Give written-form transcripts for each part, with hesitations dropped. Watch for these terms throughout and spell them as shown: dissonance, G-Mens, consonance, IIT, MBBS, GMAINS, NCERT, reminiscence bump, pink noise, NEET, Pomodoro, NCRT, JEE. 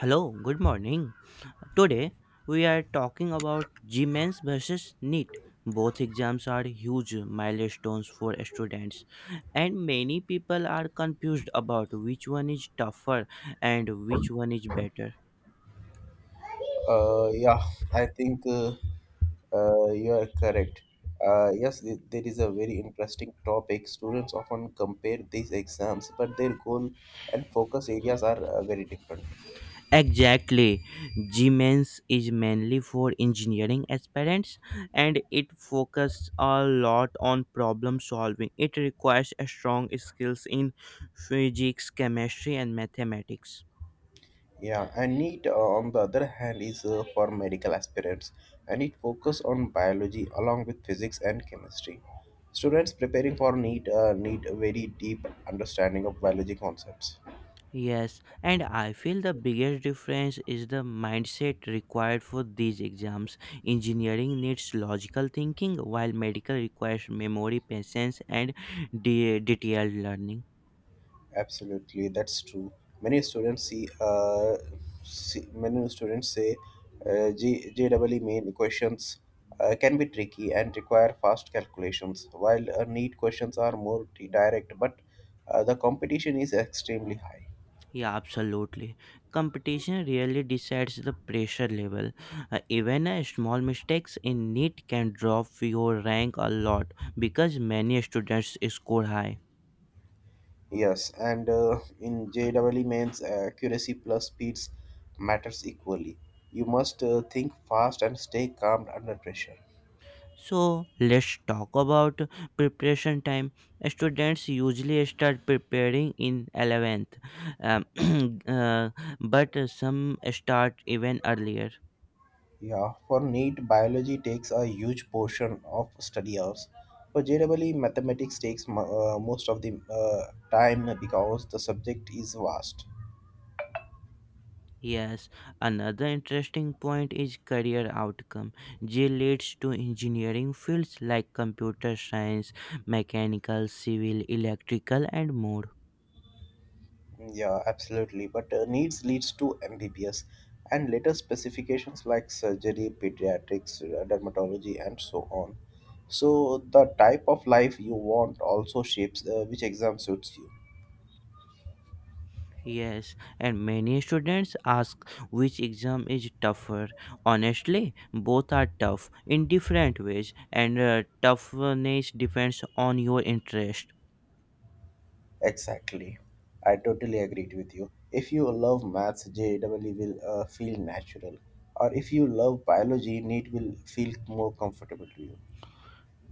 Hello, good morning. Today we are talking about G-Mens versus NEET. Both exams are huge milestones for students, and many people are confused about which one is tougher and which one is better. Yeah, I think you are correct. There is a very interesting topic. Students often compare these exams, but their goal and focus areas are very different. Exactly, G-Mens is mainly for engineering aspirants and it focuses a lot on problem solving. It requires a strong skills in physics, chemistry, and mathematics. Yeah, and NEET, on the other hand, is for medical aspirants, and it focuses on biology along with physics and chemistry. Students preparing for NEET need a very deep understanding of biology concepts. Yes, and I feel the biggest difference is the mindset required for these exams. Engineering needs logical thinking, while medical requires memory, patience, and detailed learning. Absolutely, that's true. Many students see, uh, See many students say JEE main equations can be tricky and require fast calculations, while neat questions are more direct, but the competition is extremely high. Yeah, absolutely. Competition really decides the pressure level. Even a small mistakes in NEET can drop your rank a lot because many students score high. Yes, and in JEE mains, accuracy plus speeds matters equally. You must think fast and stay calm under pressure. So let's talk about preparation time. Students usually start preparing in 11th, um, uh, but some start even earlier. Yeah, for NEET, biology takes a huge portion of study hours. For JEE, mathematics takes most of the time because the subject is vast. Yes, another interesting point is career outcome. G leads to engineering fields like computer science, mechanical, civil, electrical, and more. Yeah, absolutely. But needs leads to MBBS and later specifications like surgery, pediatrics, dermatology, and so on. So the type of life you want also shapes which exam suits you. Yes, and many students ask which exam is tougher. Honestly, both are tough in different ways, and toughness depends on your interest. Exactly. I totally agreed with you. If you love maths, JEE will feel natural. Or if you love biology, NEET will feel more comfortable to you.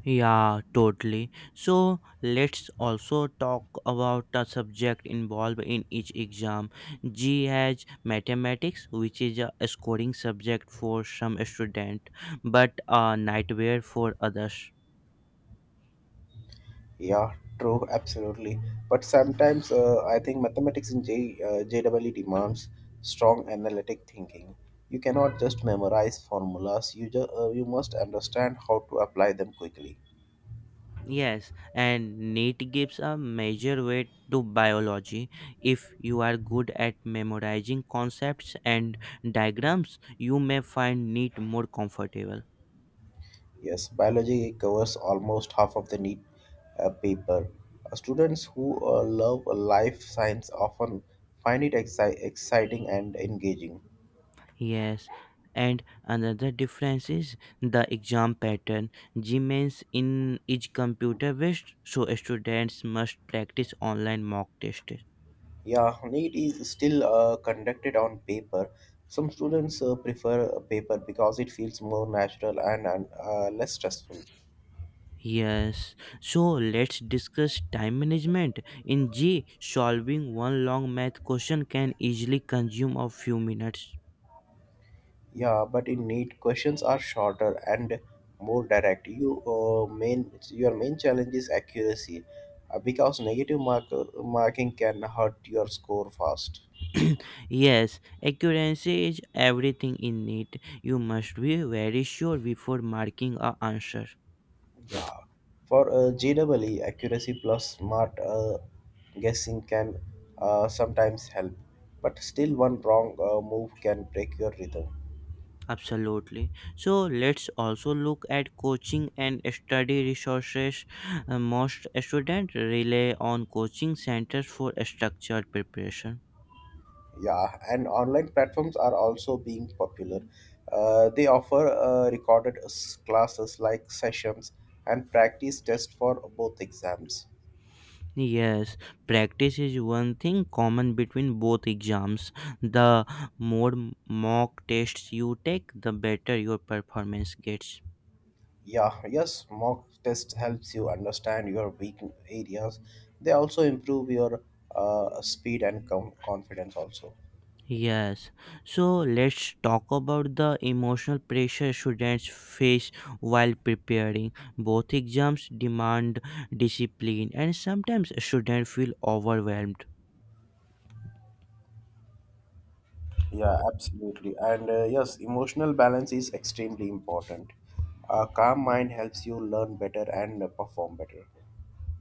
Yeah, totally. So, let's also talk about the subject involved in each exam. G has mathematics, which is a scoring subject for some student, but a nightmare for others. Yeah, true, absolutely. But sometimes I think mathematics in JEE demands strong analytic thinking. You cannot just memorize formulas, you must understand how to apply them quickly. Yes, and NEET gives a major weight to biology. If you are good at memorizing concepts and diagrams, you may find NEET more comfortable. Yes, biology covers almost half of the need paper. Students who love life science often find it exciting and engaging. Yes, and another difference is the exam pattern. GMAINS in is computer based, so students must practice online mock test. Yeah, NEET is still conducted on paper. Some students prefer paper because it feels more natural and less stressful. Yes, so let's discuss time management. In G, solving one long math question can easily consume a few minutes. Yeah, but in need, questions are shorter and more direct. Your main challenge is accuracy, because marking can hurt your score fast. Yes, accuracy is everything in it. You must be very sure before marking a answer. Yeah, for GWE, accuracy plus smart guessing can sometimes help, but still one wrong move can break your rhythm. Absolutely. So let's also look at coaching and study resources. Most students rely on coaching centers for structured preparation. Yeah, and online platforms are also being popular. They offer recorded classes like sessions and practice tests for both exams. Yes, practice is one thing common between both exams. The more mock tests you take, the better your performance gets. Yeah, yes, mock test helps you understand your weak areas. They also improve your speed and confidence also. Yes, so let's talk about the emotional pressure students face while preparing. Both exams demand discipline, and sometimes students feel overwhelmed. Yeah, absolutely. And yes, emotional balance is extremely important. A calm mind helps you learn better and perform better.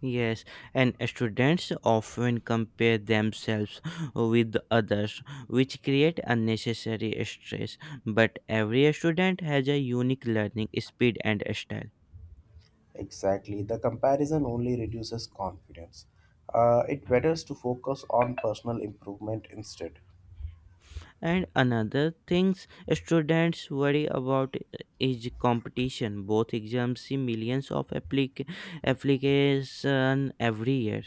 Yes, and students often compare themselves with others, which create unnecessary stress. But every student has a unique learning speed and style. Exactly. The comparison only reduces confidence. It betters to focus on personal improvement instead. And another things students worry about is competition. Both exams see millions of application every year.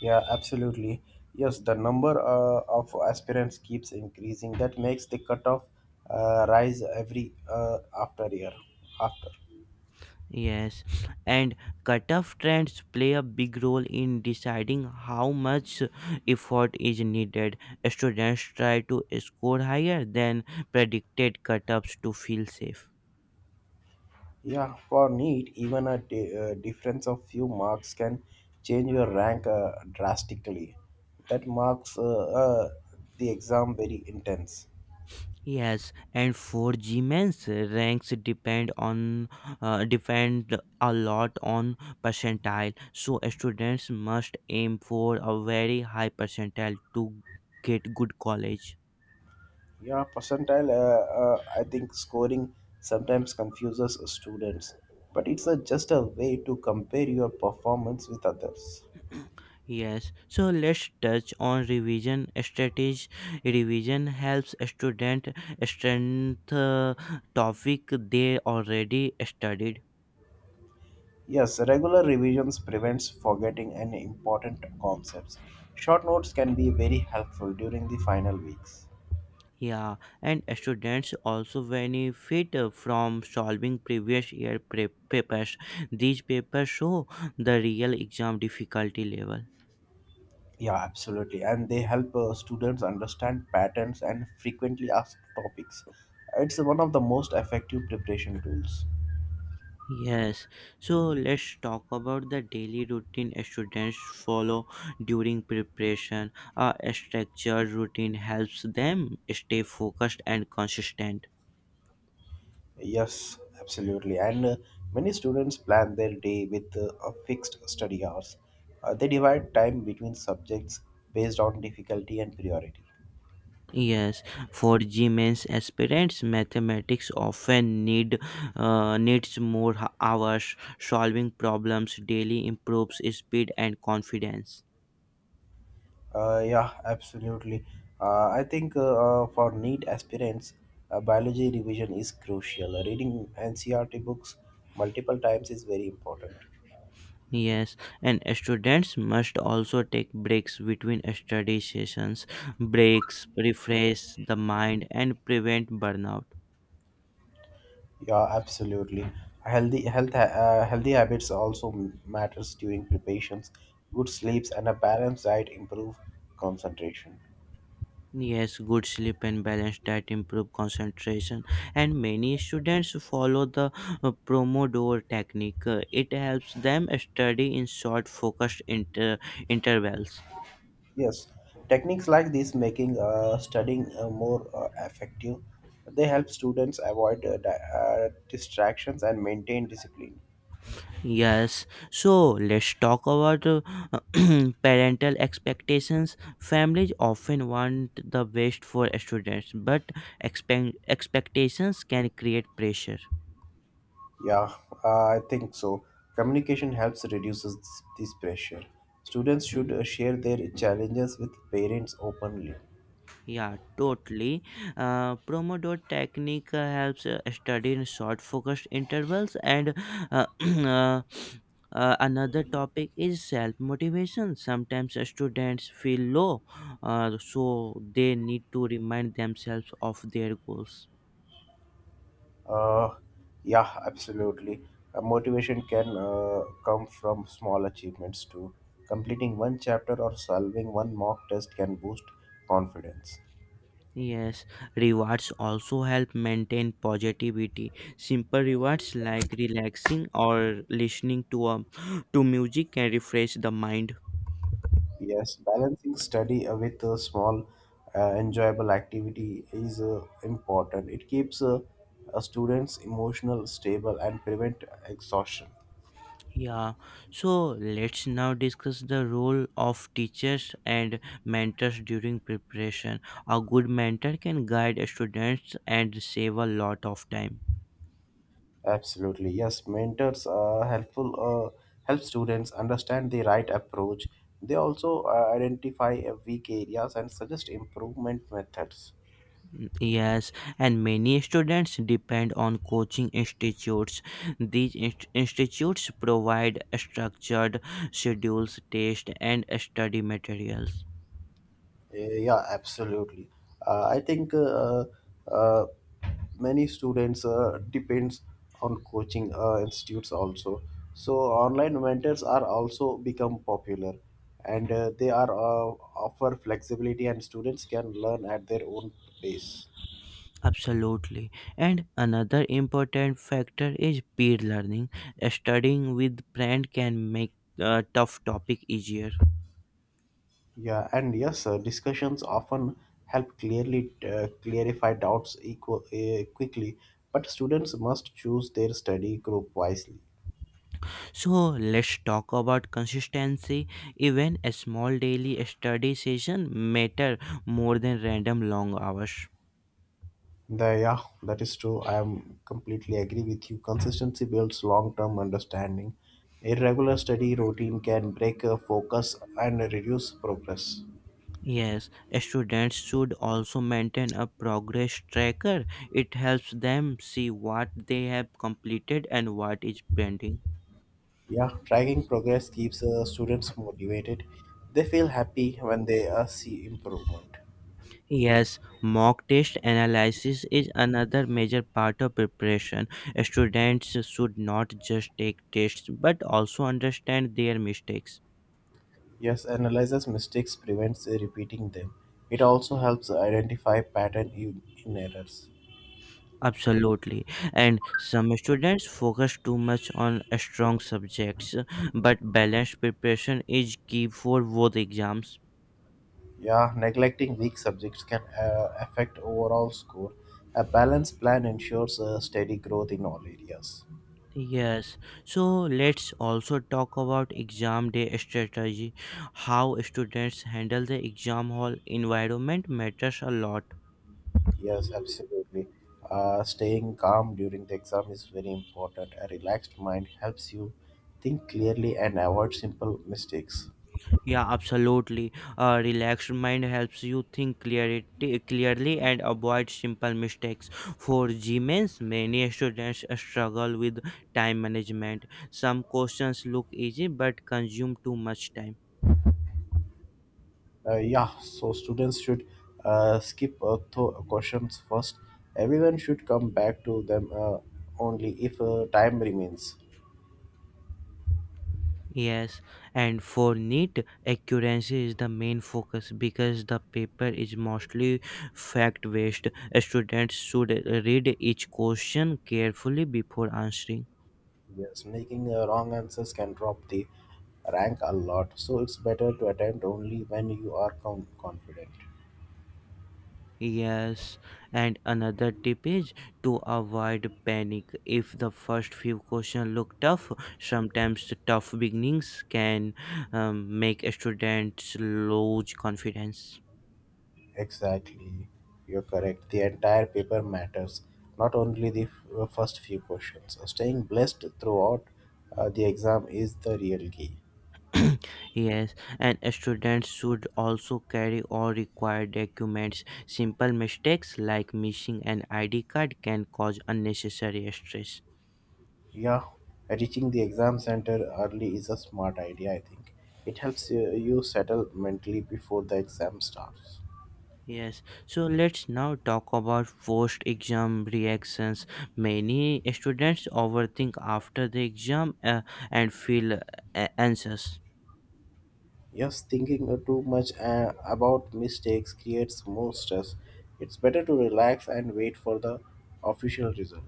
Yeah, absolutely. Yes, the number of aspirants keeps increasing. That makes the cutoff rise every after year after. Yes, and cutoff trends play a big role in deciding how much effort is needed. Students try to score higher than predicted cutoffs to feel safe. Yeah, for NEET, even a difference of few marks can change your rank drastically. That marks the exam very intense. Yes, and for G men's ranks depend a lot on percentile. So students must aim for a very high percentile to get good college. Yeah, percentile. I think scoring sometimes confuses students, but it's a, just a way to compare your performance with others. Yes, so let's touch on revision strategy. Revision helps student strengthen topic they already studied. Yes, regular revisions prevents forgetting any important concepts. Short notes can be very helpful during the final weeks. Yeah, and students also benefit from solving previous year papers. These papers show the real exam difficulty level. Yeah, absolutely, and they help students understand patterns and frequently asked topics. It's one of the most effective preparation tools. Yes, so let's talk about the daily routine students follow during preparation. A structured routine helps them stay focused and consistent. Yes, absolutely. And many students plan their day with a fixed study hours. They divide time between subjects based on difficulty and priority. Yes, for GMAS aspirants, mathematics often needs more hours. Solving problems daily improves speed and confidence. Yeah, absolutely. I think for NEET aspirants, biology revision is crucial. Reading NCRT books multiple times is very important. Yes, and students must also take breaks between study sessions. Breaks refresh the mind and prevent burnout. Yeah, absolutely. Healthy habits also matters during preparations. Good sleeps and a balanced diet improve concentration. Yes, good sleep and balance diet improve concentration, and many students follow the Pomodoro technique. It helps them study in short, focused intervals. Yes, techniques like this making studying more effective. They help students avoid distractions and maintain discipline. Yes, so let's talk about parental expectations. Families often want the best for students, but expectations can create pressure. Yeah, I think so. Communication helps reduces this pressure. Students should share their challenges with parents openly. Yeah, totally. Pomodoro technique helps study in short focused intervals, and uh, uh, another topic is self motivation. Sometimes students feel low, so they need to remind themselves of their goals. Uh, yeah, absolutely. Motivation can come from small achievements too. Completing one chapter or solving one mock test can boost confidence. Yes, rewards also help maintain positivity. Simple rewards like relaxing or listening to music can refresh the mind. Yes, balancing study with a small, enjoyable activity is important. It keeps students emotional stable and prevent exhaustion. Yeah. So let's now discuss the role of teachers and mentors during preparation. A good mentor can guide students and save a lot of time. Absolutely, yes. Mentors are helpful. Uh, Help students understand the right approach. They also identify weak areas and suggest improvement methods. Yes, and many students depend on coaching institutes. These institutes provide structured schedules, tests, and study materials. Yeah, absolutely. I think uh, many students depends on coaching institutes also. So online mentors are also become popular, and they are offer flexibility, and students can learn at their own pace. Absolutely. And another important factor is peer learning. Studying with friend can make a tough topic easier. Yeah, and yes, discussions often help clearly clarify doubts quickly, but students must choose their study group wisely. So let's talk about consistency. Even a small daily study session matter more than random long hours. Yeah, that is true. I am completely agree with you. Consistency builds long-term understanding. Irregular study routine can break focus and reduce progress. Yes, students should also maintain a progress tracker. It helps them see what they have completed and what is pending. Yeah, tracking progress keeps students motivated. They feel happy when they see improvement. Yes, mock test analysis is another major part of preparation. Students should not just take tests but also understand their mistakes. Yes, analyzes mistakes prevents repeating them. It also helps identify pattern in errors. Absolutely. And some students focus too much on strong subjects, but balanced preparation is key for both exams. Yeah, neglecting weak subjects can affect overall score. A balanced plan ensures steady growth in all areas. Yes, so let's also talk about exam day strategy. How students handle the exam hall environment matters a lot. Yes, absolutely. Staying calm during the exam is very important. A relaxed mind helps you think clearly and avoid simple mistakes. Yeah, absolutely. A relaxed mind helps you think clearly and avoid simple mistakes. For Gmains, many students struggle with time management. Some questions look easy but consume too much time. Yeah, so students should skip questions first. Everyone should come back to them only if time remains. Yes, and for neat, accuracy is the main focus because the paper is mostly fact based. Students should read each question carefully before answering. Yes, making wrong answers can drop the rank a lot, so it's better to attempt only when you are confident. Yes, and another tip is to avoid panic. If the first few questions look tough, sometimes tough beginnings can make students lose confidence. Exactly, you're correct. The entire paper matters, not only the first few questions. Staying blessed throughout the exam is the real key. Yes, and students should also carry all required documents. Simple mistakes like missing an ID card can cause unnecessary stress. Yeah, reaching the exam center early is a smart idea, I think. It helps you settle mentally before the exam starts. Yes, so let's now talk about post exam reactions. Many students overthink after the exam and feel anxious. Yes, thinking too much about mistakes creates more stress. It's better to relax and wait for the official result.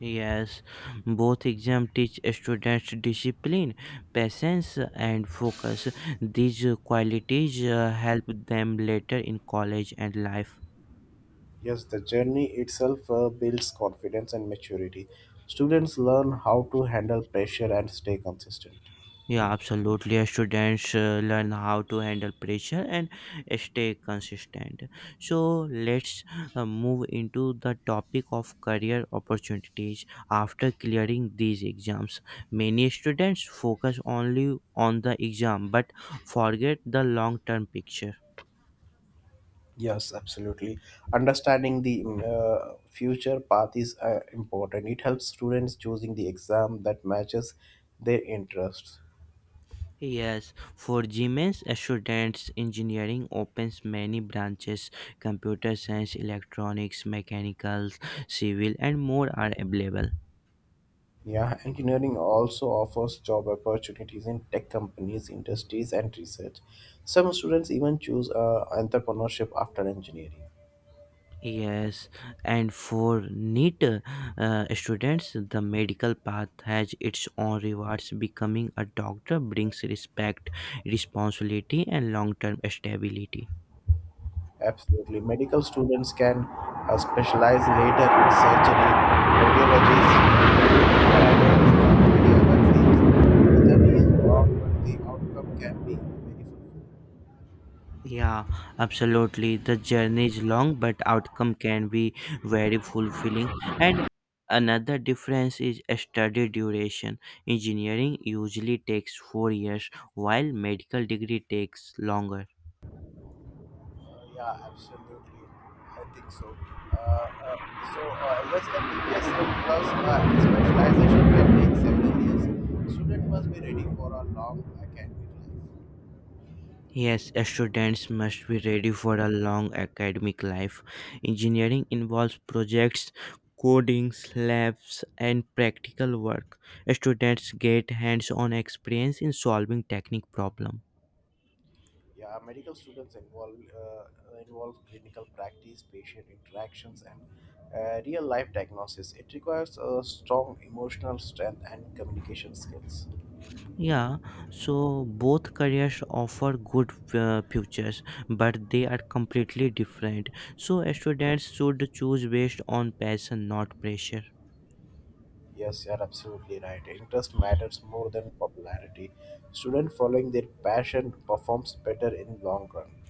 Yes, both exams teach students discipline, patience, and focus. These qualities help them later in college and life. Yes, the journey itself builds confidence and maturity. Students learn how to handle pressure and stay consistent. Yeah, absolutely. Students learn how to handle pressure and stay consistent. So, let's move into the topic of career opportunities after clearing these exams. Many students focus only on the exam but forget the long term picture. Yes, absolutely. Understanding the future path is important. It helps students choosing the exam that matches their interests. Yes, for GMS students, engineering opens many branches. Computer science, electronics, mechanicals, civil, and more are available. Yeah, engineering also offers job opportunities in tech companies, industries, and research. Some students even choose entrepreneurship after engineering. Yes, and for NEET students, the medical path has its own rewards. Becoming a doctor brings respect, responsibility, and long term stability. Absolutely. Medical students can specialize later in surgery, radiology, ideas but things whether is wrong, the outcome can be very fruitful. Yeah, absolutely. The journey is long, but outcome can be very fulfilling. And another difference is study duration. Engineering usually takes 4 years, while medical degree takes longer. Uh, yeah, absolutely. I think so. Uh, uh, so, yes, plus specialization can take several years. Student must be ready for a long academic life. Yes, students must be ready for a long academic life. Engineering involves projects, codings, labs, and practical work. Students get hands-on experience in solving technical problems. Yeah, medical students involve clinical practice, patient interactions, and real life diagnosis. It requires a strong emotional strength and communication skills. Yeah, so both careers offer good futures, but they are completely different. So students should choose based on passion, not pressure. Yes, you're absolutely right. Interest matters more than popularity. Student following their passion performs better in long run.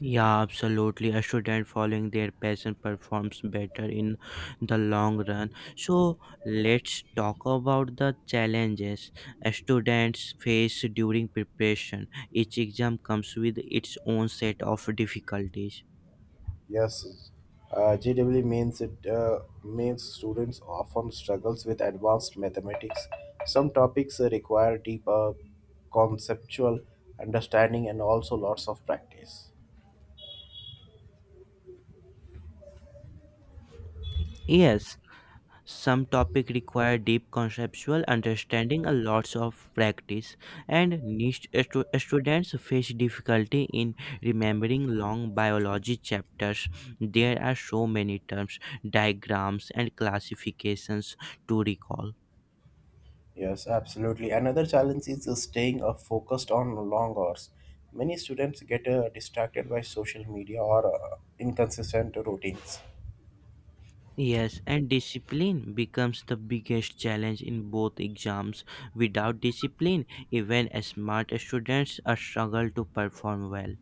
Yeah, absolutely. A student following their passion performs better in the long run. So let's talk about the challenges students face during preparation. Each exam comes with its own set of difficulties. Yes, GW means students often struggles with advanced mathematics. Some topics require deeper conceptual understanding and also lots of practice. Yes, some topic require deep conceptual understanding a lots of practice, and niche students face difficulty in remembering long biology chapters. There are so many terms, diagrams, and classifications to recall. Yes, absolutely. Another challenge is staying focused on long hours. Many students get distracted by social media or inconsistent routines. Yes, and discipline becomes the biggest challenge in both exams. Without discipline, even smart students struggle to perform well.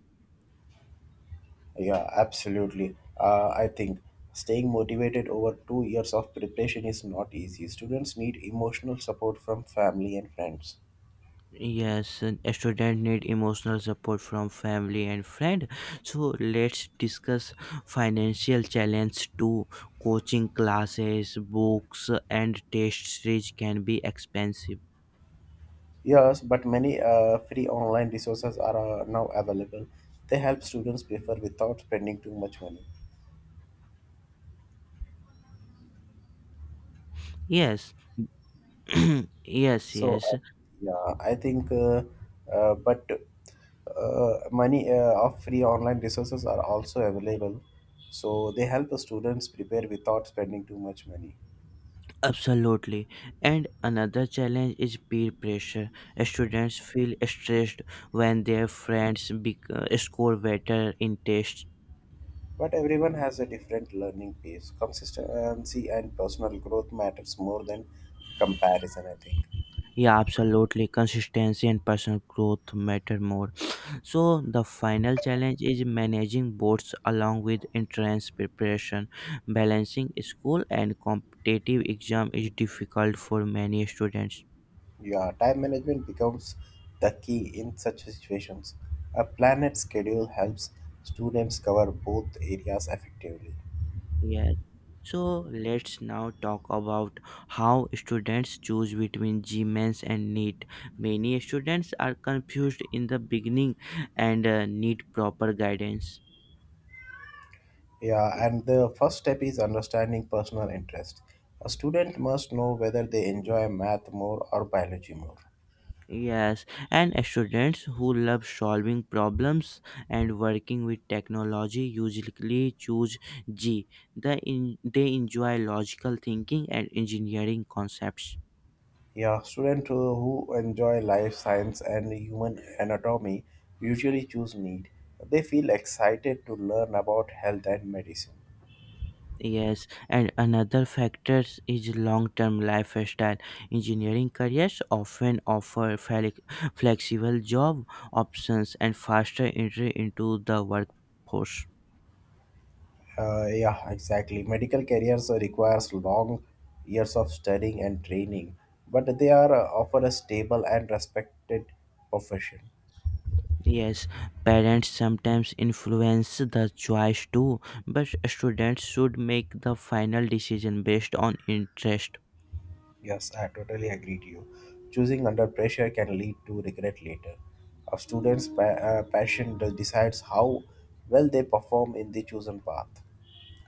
Yeah, absolutely. I think staying motivated over 2 years of preparation is not easy. Students need emotional support from family and friends. Yes, and a student need emotional support from family and friend. So let's discuss financial challenge too. Coaching classes, books, and test series can be expensive. Yes, but many free online resources are now available. They help students prepare without spending too much money. Yes, yes, So, yes, I- yeah, I think, uh, but money of free online resources are also available. So they help the students prepare without spending too much money. absolutely. And another challenge is peer pressure. Students feel stressed when their friends score better in tests. But everyone has a different learning pace. Consistency and personal growth matters more than comparison, I think. Yeah, absolutely. Consistency and personal growth matter more. So, the final challenge is managing boards along with entrance preparation. Balancing school and competitive exam is difficult for many students. Yeah, time management becomes the key in such situations. A planned schedule helps students cover both areas effectively. Yes. So, let's now talk about how students choose between GMANS and NEET. Many students are confused in the beginning and need proper guidance. Yeah, and the first step is understanding personal interest. A student must know whether they enjoy math more or biology more. Yes, and students who love solving problems and working with technology usually choose G. They enjoy logical thinking and engineering concepts. Yeah, students who enjoy life science and human anatomy usually choose need. They feel excited to learn about health and medicine. Yes, and another factor is long-term lifestyle. Engineering careers often offer flexible job options and faster entry into the workforce. Yeah, exactly. Medical careers requires long years of studying and training, but they are offer a stable and respected profession. Yes, parents sometimes influence the choice too, but students should make the final decision based on interest. Yes, I totally agree to you. Choosing under pressure can lead to regret later. A student's passion decides how well they perform in the chosen path.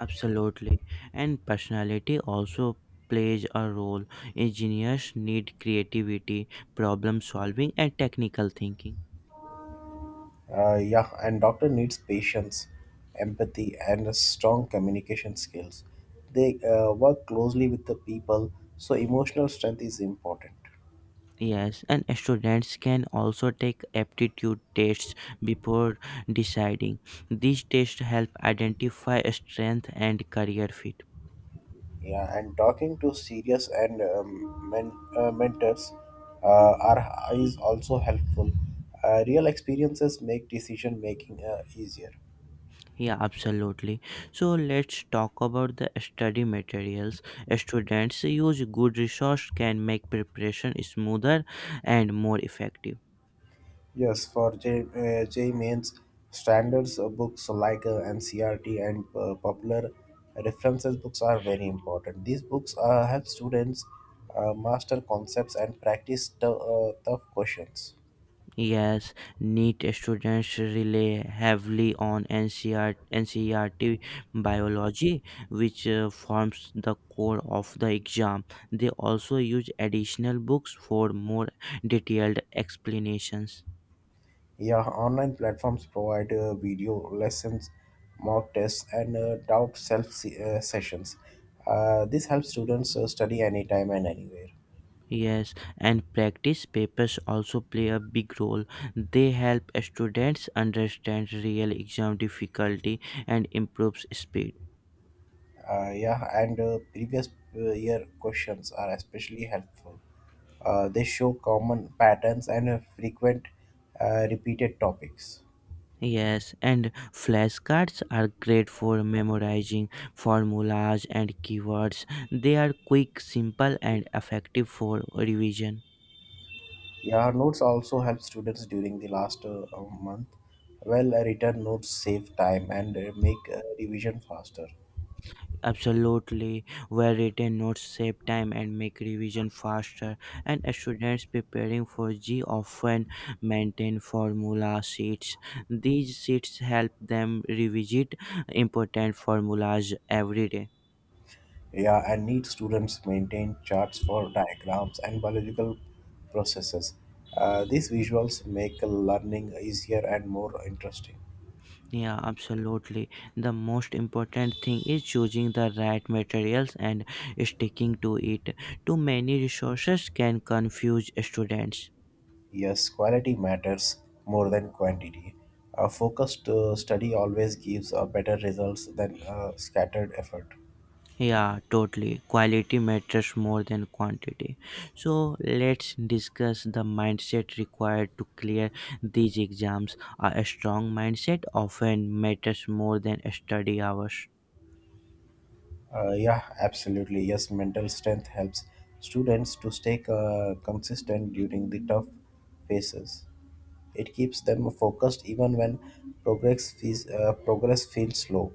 Absolutely. And personality also plays a role. Engineers need creativity, problem solving, and technical thinking. Yeah, and doctor needs patience, empathy, and a strong communication skills. They work closely with the people, so emotional strength is important. Yes, and students can also take aptitude tests before deciding. These tests help identify strength and career fit. Yeah, and talking to serious and mentors are is also helpful. Real experiences make decision making easier. Yeah, absolutely. So let's talk about the study materials. Students use good resource can make preparation smoother and more effective. Yes, for J mains standards books like NCRT and popular references books are very important. These books help students master concepts and practice tough questions. Yes, NEET students rely heavily on NCERT biology, which forms the core of the exam. They also use additional books for more detailed explanations. Yeah, online platforms provide video lessons, mock tests, and doubt sessions. This helps students study anytime and anywhere. Yes, and practice papers also play a big role. They help students understand real exam difficulty and improves speed. Yeah, and previous year questions are especially helpful. They show common patterns and frequent repeated topics. Yes, and flashcards are great for memorizing formulas and keywords. They are quick, simple, and effective for revision. Yeah, notes also help students during the last month. Well written notes save time and make revision faster. Absolutely, where written notes save time and make revision faster, and students preparing for G often maintain formula sheets. These sheets help them revisit important formulas every day. Yeah, and need students maintain charts for diagrams and biological processes. These visuals make learning easier and more interesting. Yeah, absolutely. The most important thing is choosing the right materials and sticking to it. Too many resources can confuse students. Yes, quality matters more than quantity. A focused study always gives better results than a scattered effort. Yeah, totally. Quality matters more than quantity. So let's discuss the mindset required to clear these exams. A strong mindset often matters more than study hours. Yeah, absolutely. Yes, mental strength helps students to stay consistent during the tough phases. It keeps them focused even when progress feels slow.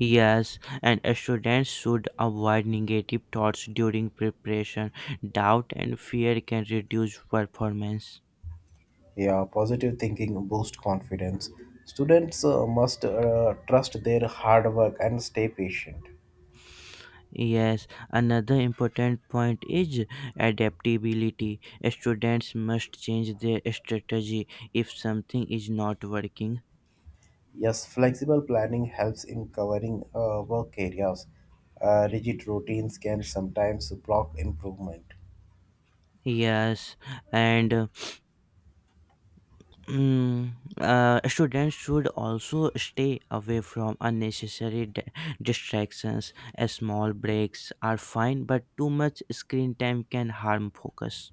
Yes, and students should avoid negative thoughts during preparation. Doubt and fear can reduce performance. Yeah, positive thinking boosts confidence. Students must trust their hard work and stay patient. Yes, another important point is adaptability. Students must change their strategy if something is not working. Yes, flexible planning helps in covering work areas. Rigid routines can sometimes block improvement. Yes, and mm, students should also stay away from unnecessary distractions. As small breaks are fine, but too much screen time can harm focus.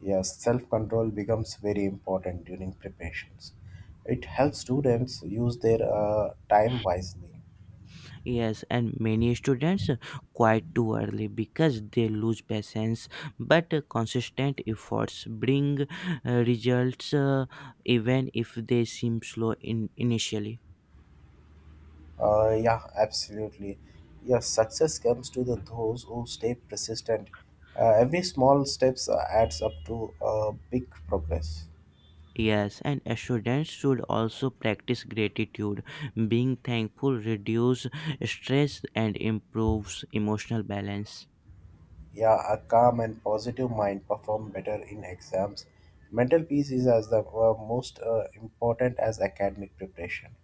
Yes, self control becomes very important during preparations. It helps students use their time wisely. Yes, and many students quit too early because they lose patience, but consistent efforts bring results even if they seem slow in initially. Yeah, absolutely. Yes, success comes to the those who stay persistent. Every small steps adds up to a big progress. Yes, and students should also practice gratitude. Being thankful reduces stress and improves emotional balance. Yeah, a calm and positive mind perform better in exams. Mental peace is as the most important as academic preparation.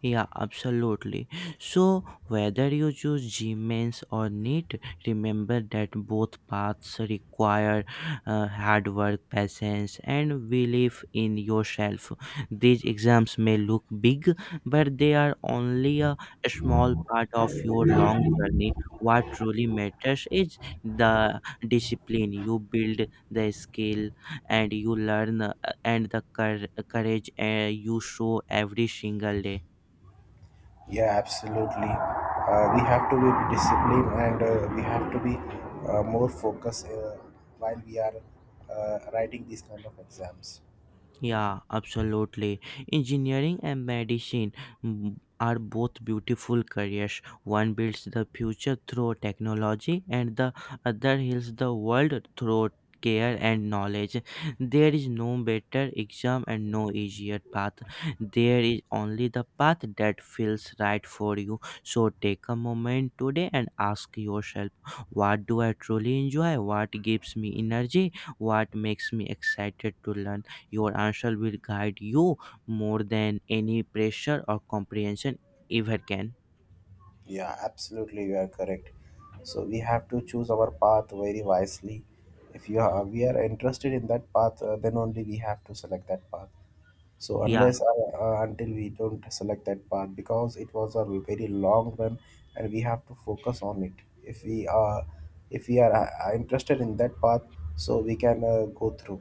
Yeah, absolutely. So, whether you choose Gmains or NEET, remember that both paths require hard work, patience, and belief in yourself. These exams may look big, but they are only a small part of your long journey. What truly matters is the discipline you build, the skill, and you learn, and the courage you show every single day. Yeah, absolutely. We have to be disciplined and we have to be more focused while we are writing these kind of exams. Yeah, absolutely. Engineering and medicine are both beautiful careers. One builds the future through technology, and the other heals the world through care and knowledge. There is no better exam and no easier path. There is only the path that feels right for you. So take a moment today and ask yourself, what do I truly enjoy? What gives me energy? What makes me excited to learn? Your answer will guide you more than any pressure or comprehension ever can. Yeah, absolutely, you are correct. So we have to choose our path very wisely. If you are, We are interested in that path, then only we have to select that path. So Yeah. unless until we don't select that path, because it was a very long run, and we have to focus on it. If we are, if we are interested in that path, so we can go through.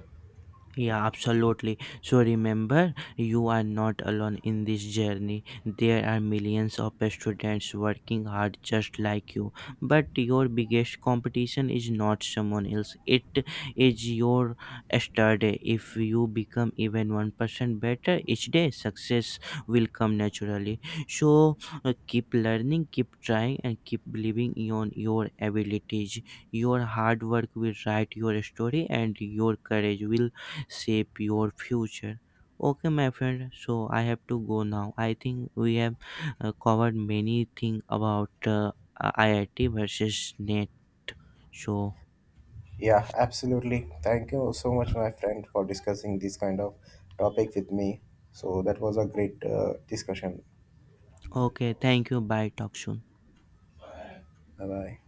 Yeah, absolutely. So remember, you are not alone in this journey. There are millions of students working hard just like you. But your biggest competition is not someone else, it is your study. If you become even 1% better each day, success will come naturally. So keep learning, keep trying, and keep believing in your abilities. Your hard work will write your story, and your courage will shape your future. Okay, my friend. So I have to go now. I think we have covered many things about IIT versus NET. So Yeah, absolutely. Thank you so much, my friend, for discussing this kind of topic with me. So that was a great discussion. okay, thank you. Bye. Talk soon. Bye bye.